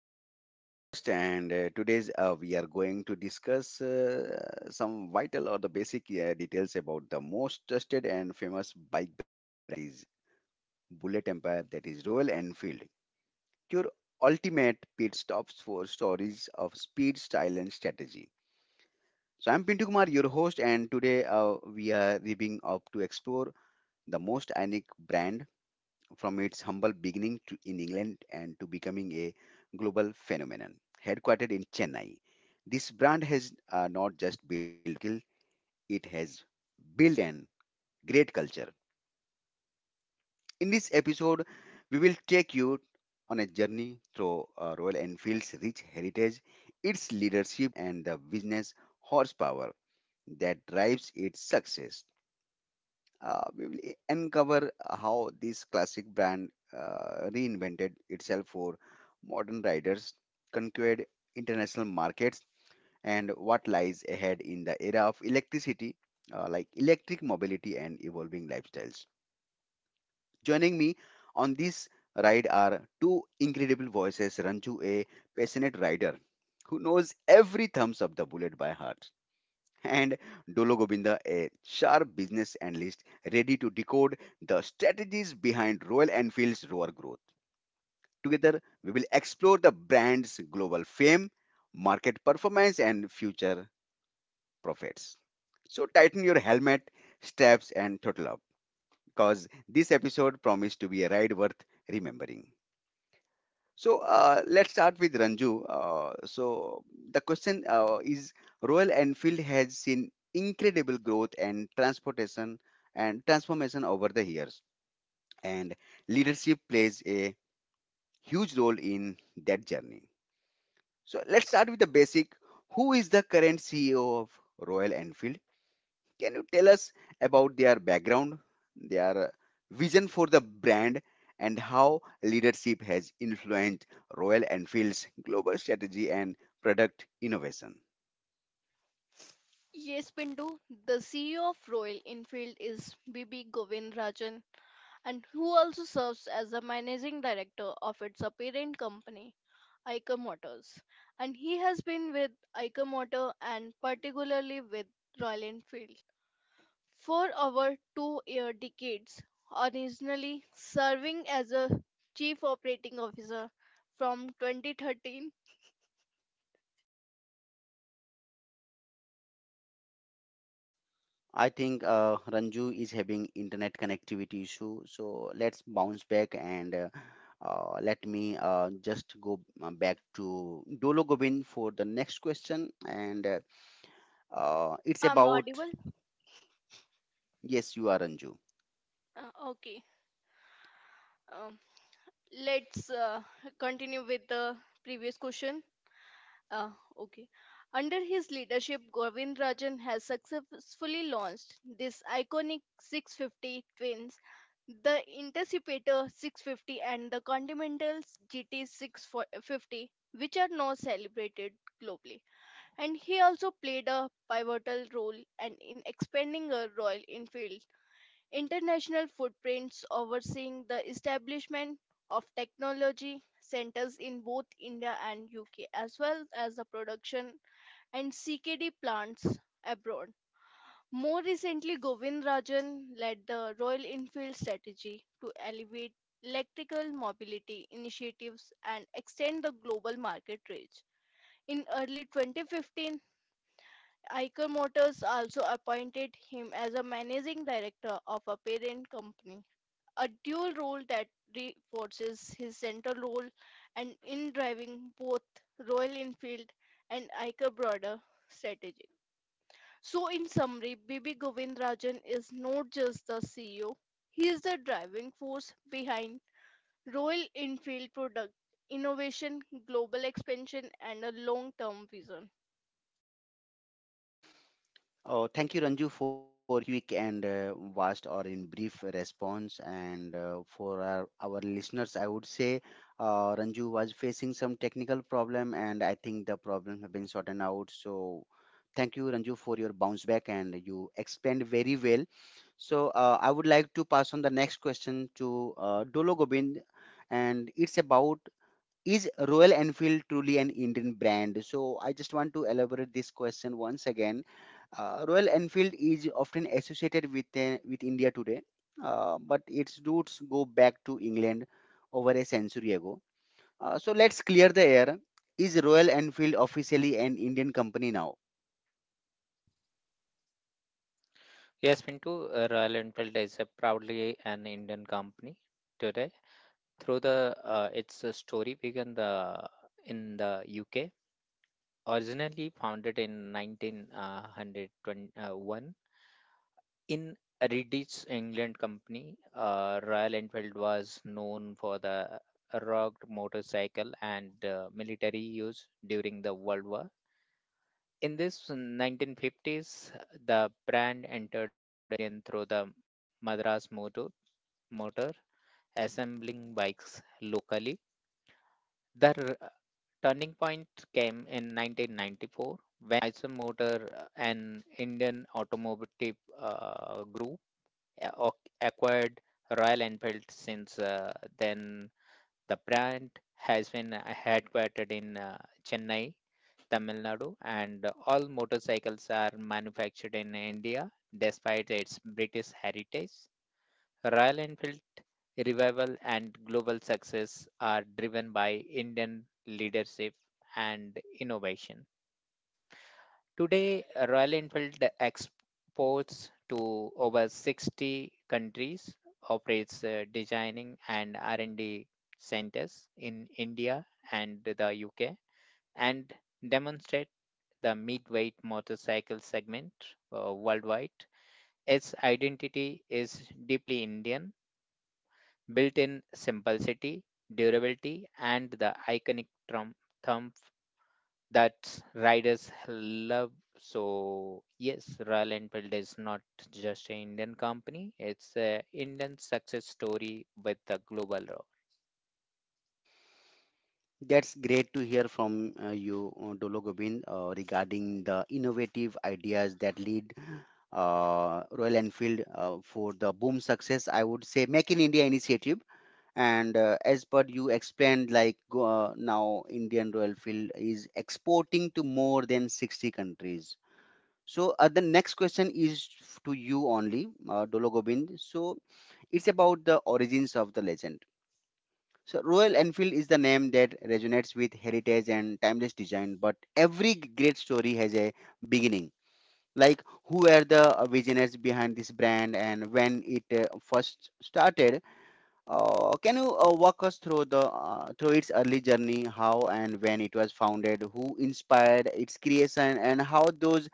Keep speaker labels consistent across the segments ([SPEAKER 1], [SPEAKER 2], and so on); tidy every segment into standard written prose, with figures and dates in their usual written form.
[SPEAKER 1] Welcome to the podcast, and today's we are going to discuss some vital or the basic details about the most trusted and famous bike brand that is Bullet Empire, that is Royal Enfield. Your ultimate pit stops for stories of speed, style, and strategy. So I'm Pintu Kumar, your host, and today we are ripping up to explore the most iconic brand from its humble beginning to in England and to becoming a global phenomenon. Headquartered in Chennai, this brand has not just built skill, it has built an great culture. In this episode, we will take you on a journey through Royal Enfield's rich heritage, its leadership, and the business horsepower that drives its success. We will uncover how this classic brand reinvented itself for modern riders, conquered international markets, and what lies ahead in the era of electricity, like electric mobility and evolving lifestyles. Joining me on this ride are two incredible voices, Ranju, a passionate rider who knows every thumbs of the bullet by heart, and Dolo Govinda, a sharp business analyst ready to decode the strategies behind Royal Enfield's roar growth. Together, we will explore the brand's global fame, market performance, and future profits. So, tighten your helmet, straps, and throttle up because this episode promised to be a ride worth remembering. So let's start with Ranju. So the question is Royal Enfield has seen incredible growth and transportation and transformation over the years, and leadership plays a huge role in that journey. So let's start with the basic. Who is the current CEO of Royal Enfield? Can you tell us about their background, their vision for the brand, and how leadership has influenced Royal Enfield's global strategy and product innovation?
[SPEAKER 2] Yes, Pinto, the CEO of Royal Enfield is BB Govindarajan, and who also serves as the managing director of its parent company, Eicher Motors. And he has been with Eicher Motor and particularly with Royal Enfield for over two-year decades, originally serving as a chief operating officer from 2013.
[SPEAKER 1] I think Ranju is having internet connectivity issue, so let's bounce back, and let me just go back to Dolo Gobind for the next question, and it's
[SPEAKER 2] I'm
[SPEAKER 1] about
[SPEAKER 2] audible?
[SPEAKER 1] yes, you are Ranju.
[SPEAKER 2] Okay. Let's continue with the previous question. Uh, okay. Under his leadership, Govindarajan has successfully launched this iconic 650 twins, the Interceptor 650 and the Continental GT 650, which are now celebrated globally. And he also played a pivotal role and in expanding a Royal Enfield international footprints overseeing the establishment of technology centers in both India and UK, as well as the production and CKD plants abroad. More recently, Govind Rajan led the Royal Enfield strategy to elevate electrical mobility initiatives and extend the global market reach. In early 2015, Eicher Motors also appointed him as a managing director of a parent company a dual role that reinforces his central role and in driving both Royal Enfield and Iker broader strategy. So, in summary, Bibi Govindarajan is not just the CEO, he is the driving force behind Royal Enfield product innovation, global expansion, and a long term vision.
[SPEAKER 1] Oh, thank you, Ranju, for quick and vast or in brief response. And for our listeners, I would say Ranju was facing some technical problem, and I think the problem have been sorted out. So thank you, Ranju, for your bounce back, and you explained very well. So I would like to pass on the next question to Dolo Gobind, and it's about is Royal Enfield truly an Indian brand? So I just want to elaborate this question once again. Royal Enfield is often associated with with India today, but its roots go back to England over a century ago. So let's clear the air. Is Royal Enfield officially an Indian company now?
[SPEAKER 3] Yes, Pinto, Royal Enfield is a proudly an Indian company today. Through the its story began the in the UK, originally founded in 1901 in Redditch, England company. Royal Enfield was known for the rugged motorcycle and military use during the World War. In this 1950s, the brand entered again through the Madras Motor, assembling bikes locally. The turning point came in 1994 when Mysore Motor, an Indian automotive group, acquired Royal Enfield since then. The brand has been headquartered in Chennai, Tamil Nadu, and all motorcycles are manufactured in India despite its British heritage. Royal Enfield revival and global success are driven by Indian leadership and innovation. Today, Royal Enfield exports to over 60 countries, operates designing and R&D centers in India and the UK, and demonstrate the mid-weight motorcycle segment worldwide. Its identity is deeply Indian, built in simplicity, durability, and the iconic thumb that riders love. So yes, Royal Enfield is not just an Indian company; it's a Indian success story with the global road.
[SPEAKER 1] That's great to hear from you, Dolo Gobind, regarding the innovative ideas that lead Royal Enfield for the boom success. I would say Make in India initiative. And as per you explained, like now Indian Royal Enfield is exporting to more than 60 countries. So the next question is to you only, Dolo Gobind. So it's about the origins of the legend. So Royal Enfield is a name that resonates with heritage and timeless design, but every great story has a beginning. Like who were the visionaries behind this brand and when it first started? Can you walk us through the through its early journey, how and when it was founded, who inspired its creation, and how those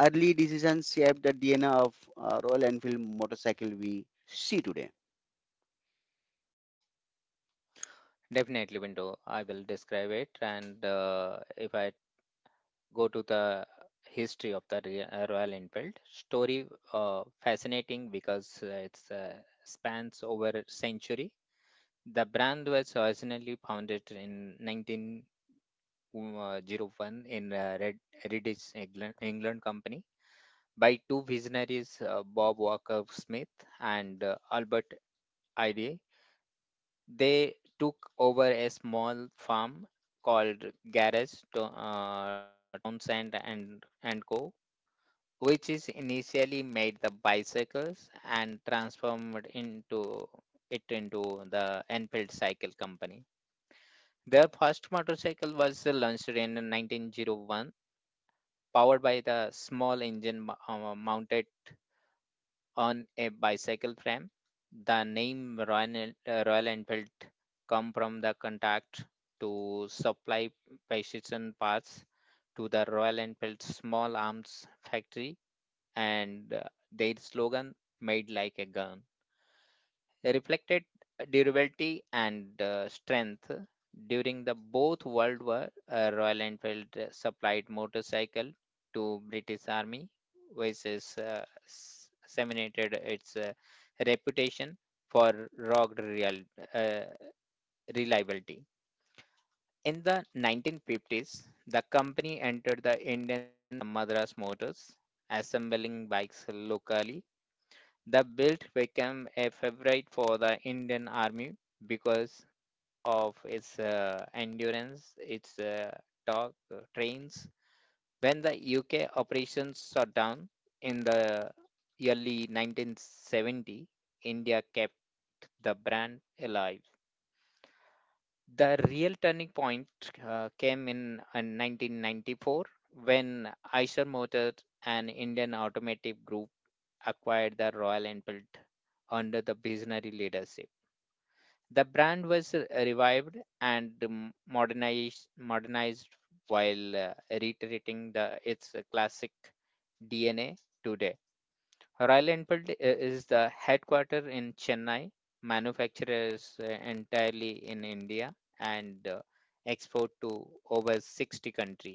[SPEAKER 1] early decisions shaped the DNA of Royal Enfield motorcycle we see today?
[SPEAKER 3] Definitely, window. I will describe it, and if I go to the history of the Royal Enfield story, fascinating because it's spans over a century. The brand was originally founded in 19. 01 in Heritage England Company by two visionaries, Bob Walker Smith and Albert Ide. They took over a small farm called Garage to, Townsend and Co., which is initially made the bicycles and transformed into it into the Enfield Cycle Company. Their first motorcycle was launched in 1901, powered by the small engine mounted on a bicycle frame. The name Royal Enfield come from the contact to supply precision parts to the Royal Enfield Small Arms Factory, and their slogan made like a gun reflected durability and strength. During the both world war, Royal Enfield supplied motorcycle to British Army, which is disseminated its reputation for rugged uh, reliability. In the 1950s, the company entered the Indian Madras Motors, assembling bikes locally. The build became a favorite for the Indian Army because of its endurance, its dog trains. When the UK operations shut down in the early 1970, India kept the brand alive. The real turning point came in 1994 when Eicher Motors, an Indian automotive group, acquired the Royal Enfield under the visionary leadership. The brand was revived and modernized while reiterating its classic DNA today. Royal Enfield is the headquarter in Chennai, manufacturers entirely in India, and export to over 60 countries.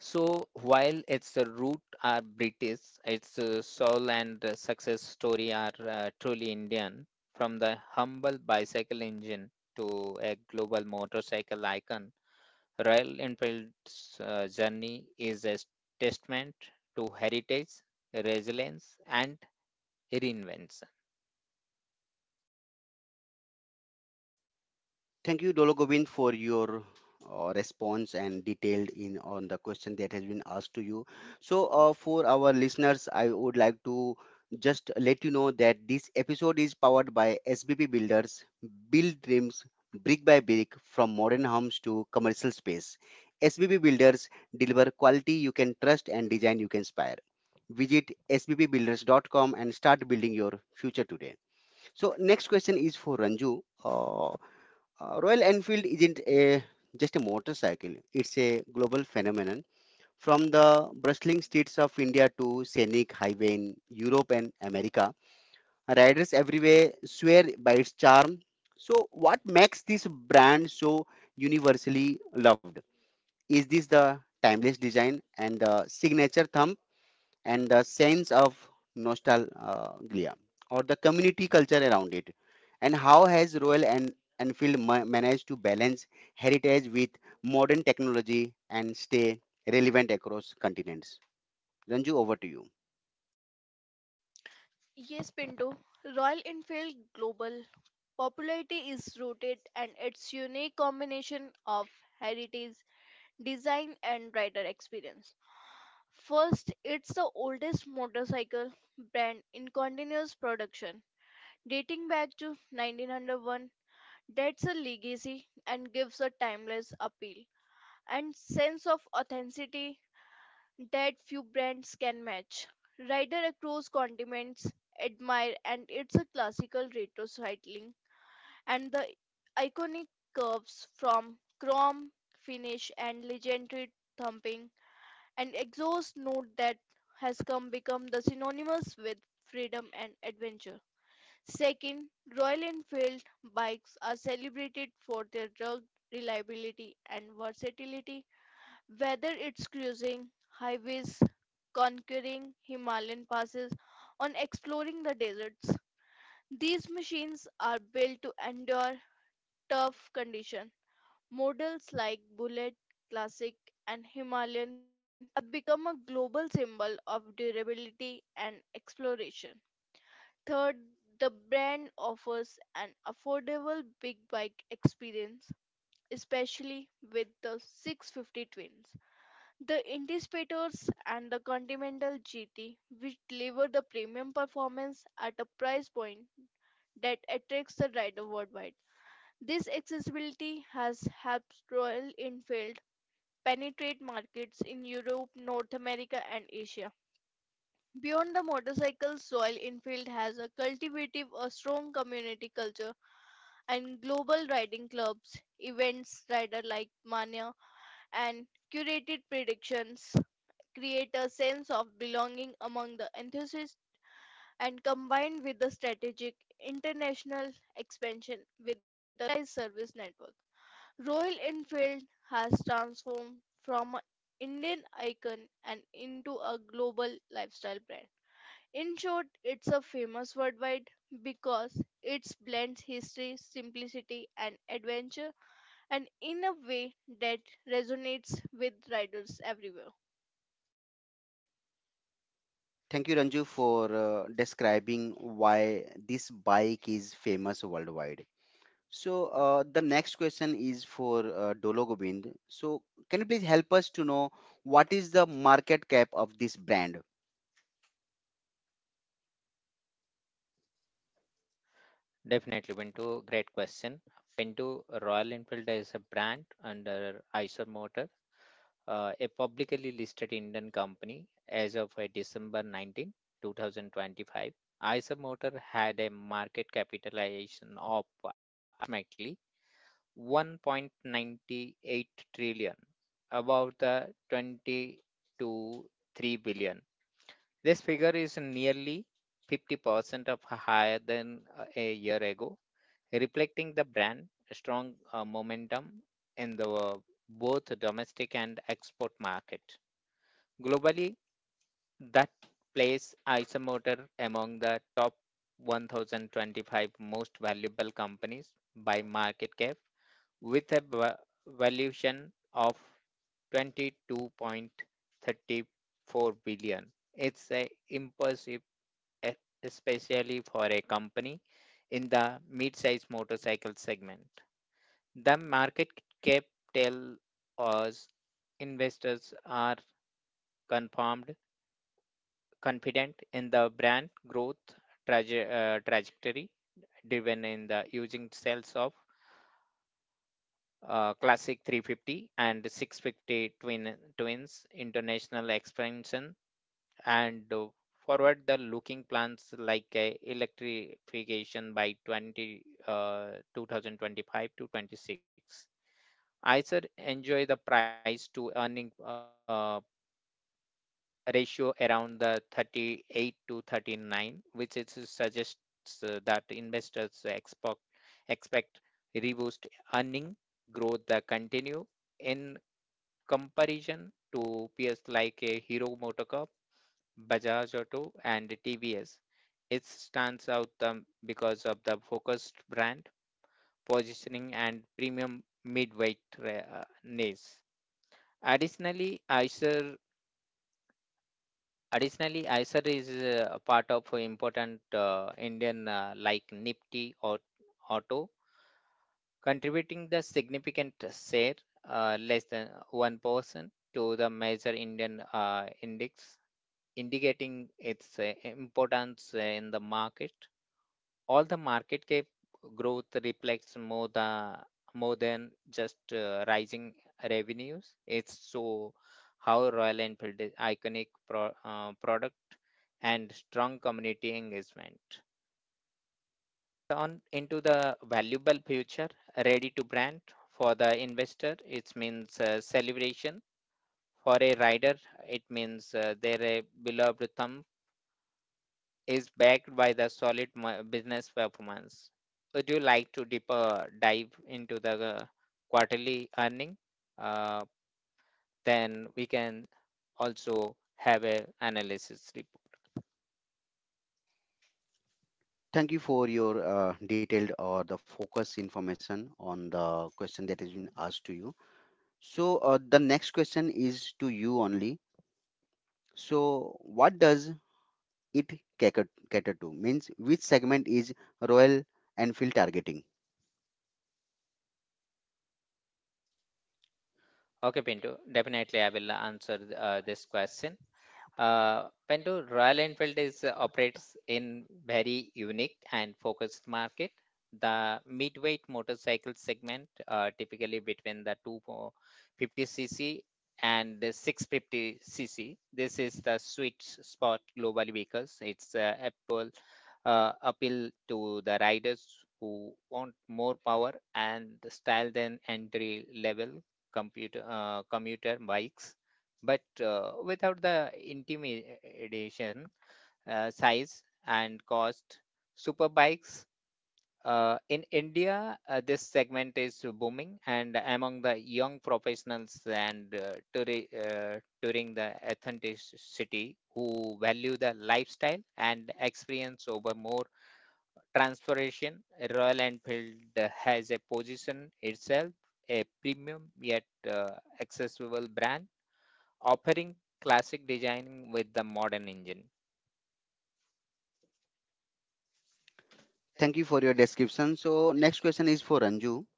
[SPEAKER 3] So while its root are British, its soul and success story are truly Indian, from the humble bicycle engine to a global motorcycle icon. Royal Enfield's journey is a testament to heritage, resilience, and reinvention.
[SPEAKER 1] Thank you, Dologovin, for your response and detailed in on the question that has been asked to you. So, for our listeners, I would like to just let you know that this episode is powered by SBP Builders. Build dreams brick by brick from modern homes to commercial space. SBP Builders deliver quality you can trust and design you can inspire. Visit sbbbuilders.com and start building your future today. So, next question is for Ranju. Royal Enfield isn't a, just a motorcycle, it's a global phenomenon. From the bustling streets of India to scenic highway in Europe and America, riders everywhere swear by its charm. So, what makes this brand so universally loved? Is this the timeless design and the signature thumb, and the sense of nostalgia or the community culture around it, and how has royal and managed to balance heritage with modern technology and stay relevant across continents? Ranju, over to you.
[SPEAKER 2] Yes, Pinto, Royal Enfield global popularity is rooted and its unique combination of heritage, design and rider experience. First, it's the oldest motorcycle brand in continuous production, dating back to 1901. That's a legacy and gives a timeless appeal and sense of authenticity that few brands can match. Rider across continents admire and it's a classical retro cycling and the iconic curves from chrome finish and legendary thumping an exhaust note that has come become the synonymous with freedom and adventure. Second, Royal Enfield bikes are celebrated for their rugged reliability and versatility. Whether it's cruising highways, conquering Himalayan passes, or exploring the deserts, these machines are built to endure tough conditions. Models like Bullet, Classic, and Himalayan have become a global symbol of durability and exploration. Third, the brand offers an affordable big bike experience, especially with the 650 twins, the Indicators, and the Continental GT, which deliver the premium performance at a price point that attracts the rider worldwide. This accessibility has helped Royal Enfield penetrate markets in Europe, North America, and Asia. Beyond the motorcycle, Soil Infield has a cultivative, a strong community culture and global riding clubs, events, rider like mania, and curated predictions create a sense of belonging among the enthusiasts and combined with the strategic international expansion with the localized service network. Royal Enfield has transformed from an Indian icon and into a global lifestyle brand. In short, it's a famous worldwide because it blends history, simplicity, and adventure, and in a way that resonates with riders everywhere.
[SPEAKER 1] Thank you, Ranju, for describing why this bike is famous worldwide. So the next question is for Dolo Gobind. So can you please help us to know, what is the market cap of this brand?
[SPEAKER 3] Definitely, Pinto, great question. Pinto, Royal Enfield is a brand under Eicher Motors, a publicly listed Indian company as of December 19, 2025. Eiser Motor had a market capitalization of approximately 1.98 trillion, about the 20 to 3 billion. This figure is nearly 50% of higher than a year ago, reflecting the brand strong momentum in the both domestic and export market. Globally, that place Isomotor among the top 1,025 most valuable companies by market cap with a valuation of 22.34 billion. It's a impressive, e- especially for a company in the mid-size motorcycle segment. The market cap tell us investors are confirmed confident in the brand growth trajectory, driven in the using sales of classic 350 and 650 twins, international expansion, and forward the looking plans like electrification by 20 2025 to 26. I said enjoy the price to earning ratio around the 38 to 39, which is suggests that investors expect robust earning growth that continue, in comparison to peers like Hero MotoCorp, Bajaj Auto, and TVS. It stands out because of the focused brand positioning and premium midweight niche. Additionally, Eicher Additionally, ISER is part of a important Indian like Nifty or Auto, contributing the significant share, less than 1%, to the major Indian index, indicating its importance in the market. All the market cap growth reflects more than just rising revenues. It's so how Royal Enfield is iconic product and strong community engagement. On into the valuable future, ready to brand for the investor. It means celebration for a rider. It means they're a beloved thumb is backed by the solid business performance. Would you like to deeper dive into the quarterly earning? Uh, Then we can also have a analysis report.
[SPEAKER 1] Thank you for your detailed or the focus information on the question that has been asked to you. So, the next question is to you only. So, what does it cater, cater to? Means, which segment is Royal Enfield targeting?
[SPEAKER 3] Okay, Pinto, definitely I will answer this question. Pando, Royal Enfield is operates in very unique and focused market. The midweight motorcycle segment, typically between the 250 cc and the 650 cc. This is the sweet spot global vehicles. It's apple appeal to the riders who want more power and style than entry level computer commuter bikes, but without the intimidation, size, and cost. Superbikes in India, this segment is booming, and among the young professionals and touring the authenticity who value the lifestyle and experience over more transpiration, Royal Enfield has a position itself a premium yet uh, accessible brand offering classic design with the modern engine.
[SPEAKER 1] Thank you for your description. So, next question is for Ranju.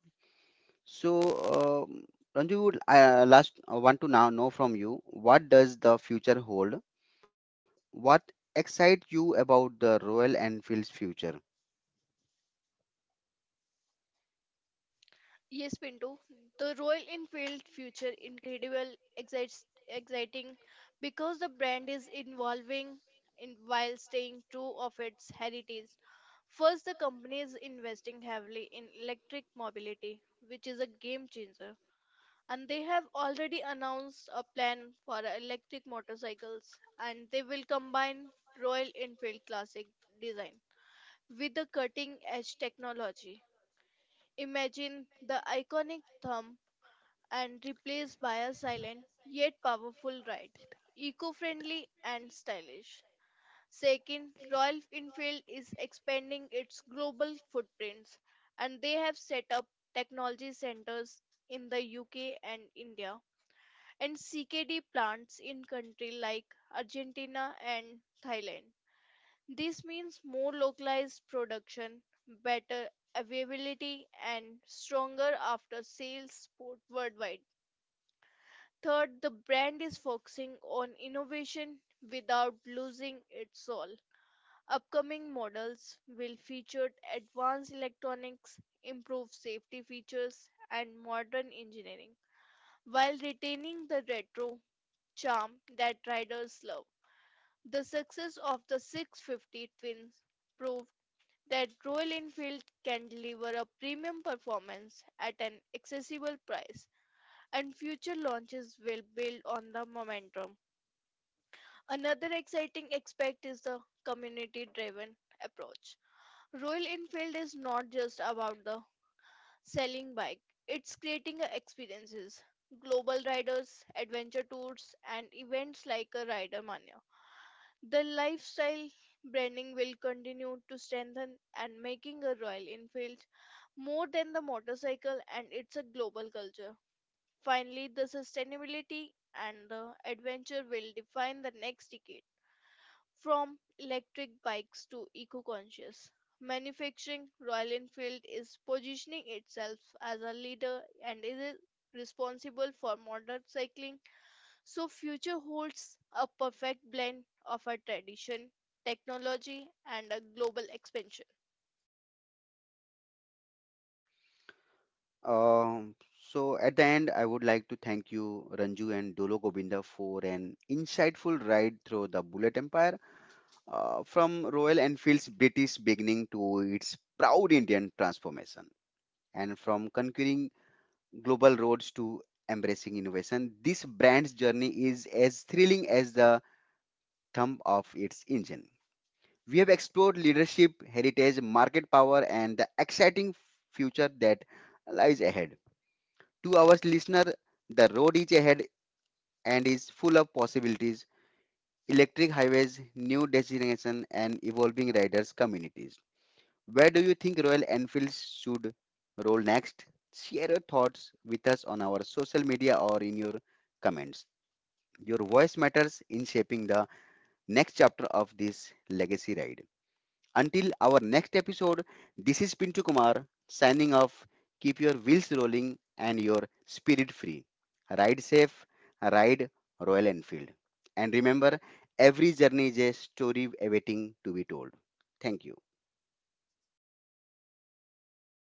[SPEAKER 1] So, Ranju, would last want to now know from you, what does the future hold? What excites you about the Royal Enfield's future?
[SPEAKER 2] Yes, Pinto, the Royal Enfield future incredible, excites, exciting because the brand is evolving in while staying true of its heritage. First, the company is investing heavily in electric mobility, which is a game changer and they have already announced a plan for electric motorcycles and they will combine Royal Enfield classic design with the cutting edge technology. Imagine the iconic thumb and replaced by a silent yet powerful ride, eco-friendly and stylish. Second, Royal Enfield is expanding its global footprints and they have set up technology centers in the UK and India and CKD plants in countries like Argentina and Thailand. This means more localized production, better availability and stronger after sales support worldwide. Third, the brand is focusing on innovation without losing its soul. Upcoming models will feature advanced electronics, improved safety features and modern engineering while retaining the retro charm that riders love. The success of the 650 Twins proved that Royal Enfield can deliver a premium performance at an accessible price, and future launches will build on the momentum. Another exciting aspect is the community driven approach. Royal Enfield is not just about the selling bike, it's creating a experiences. Global riders, adventure tours, and events like a Rider Mania the lifestyle branding will continue to strengthen and making a Royal Enfield more than the motorcycle and it's a global culture. Finally, the sustainability and the adventure will define the next decade from electric bikes to eco-conscious. Manufacturing Royal Enfield is positioning itself as a leader and is responsible for motorcycling so future holds a perfect blend of a tradition, technology and a global expansion.
[SPEAKER 1] Um, so at the end, I would like to thank you, Ranju and Dolo Gobinda, for an insightful ride through the Bullet Empire, from Royal Enfield's British beginning to its proud Indian transformation, and from conquering global roads to embracing innovation. This brand's journey is as thrilling as the thump of its engine. We have explored leadership, heritage, market power, and the exciting future that lies ahead. To our listener, the road is ahead and is full of possibilities, electric highways, new destinations, and evolving riders' communities. Where do you think Royal Enfields should roll next? Share your thoughts with us on our social media or in your comments. Your voice matters in shaping the next chapter of this legacy ride. Until our next episode, this is Pintu Kumar signing off. Keep your wheels rolling and your spirit free. Ride safe, ride Royal Enfield. And remember, every journey is a story awaiting to be told. Thank you.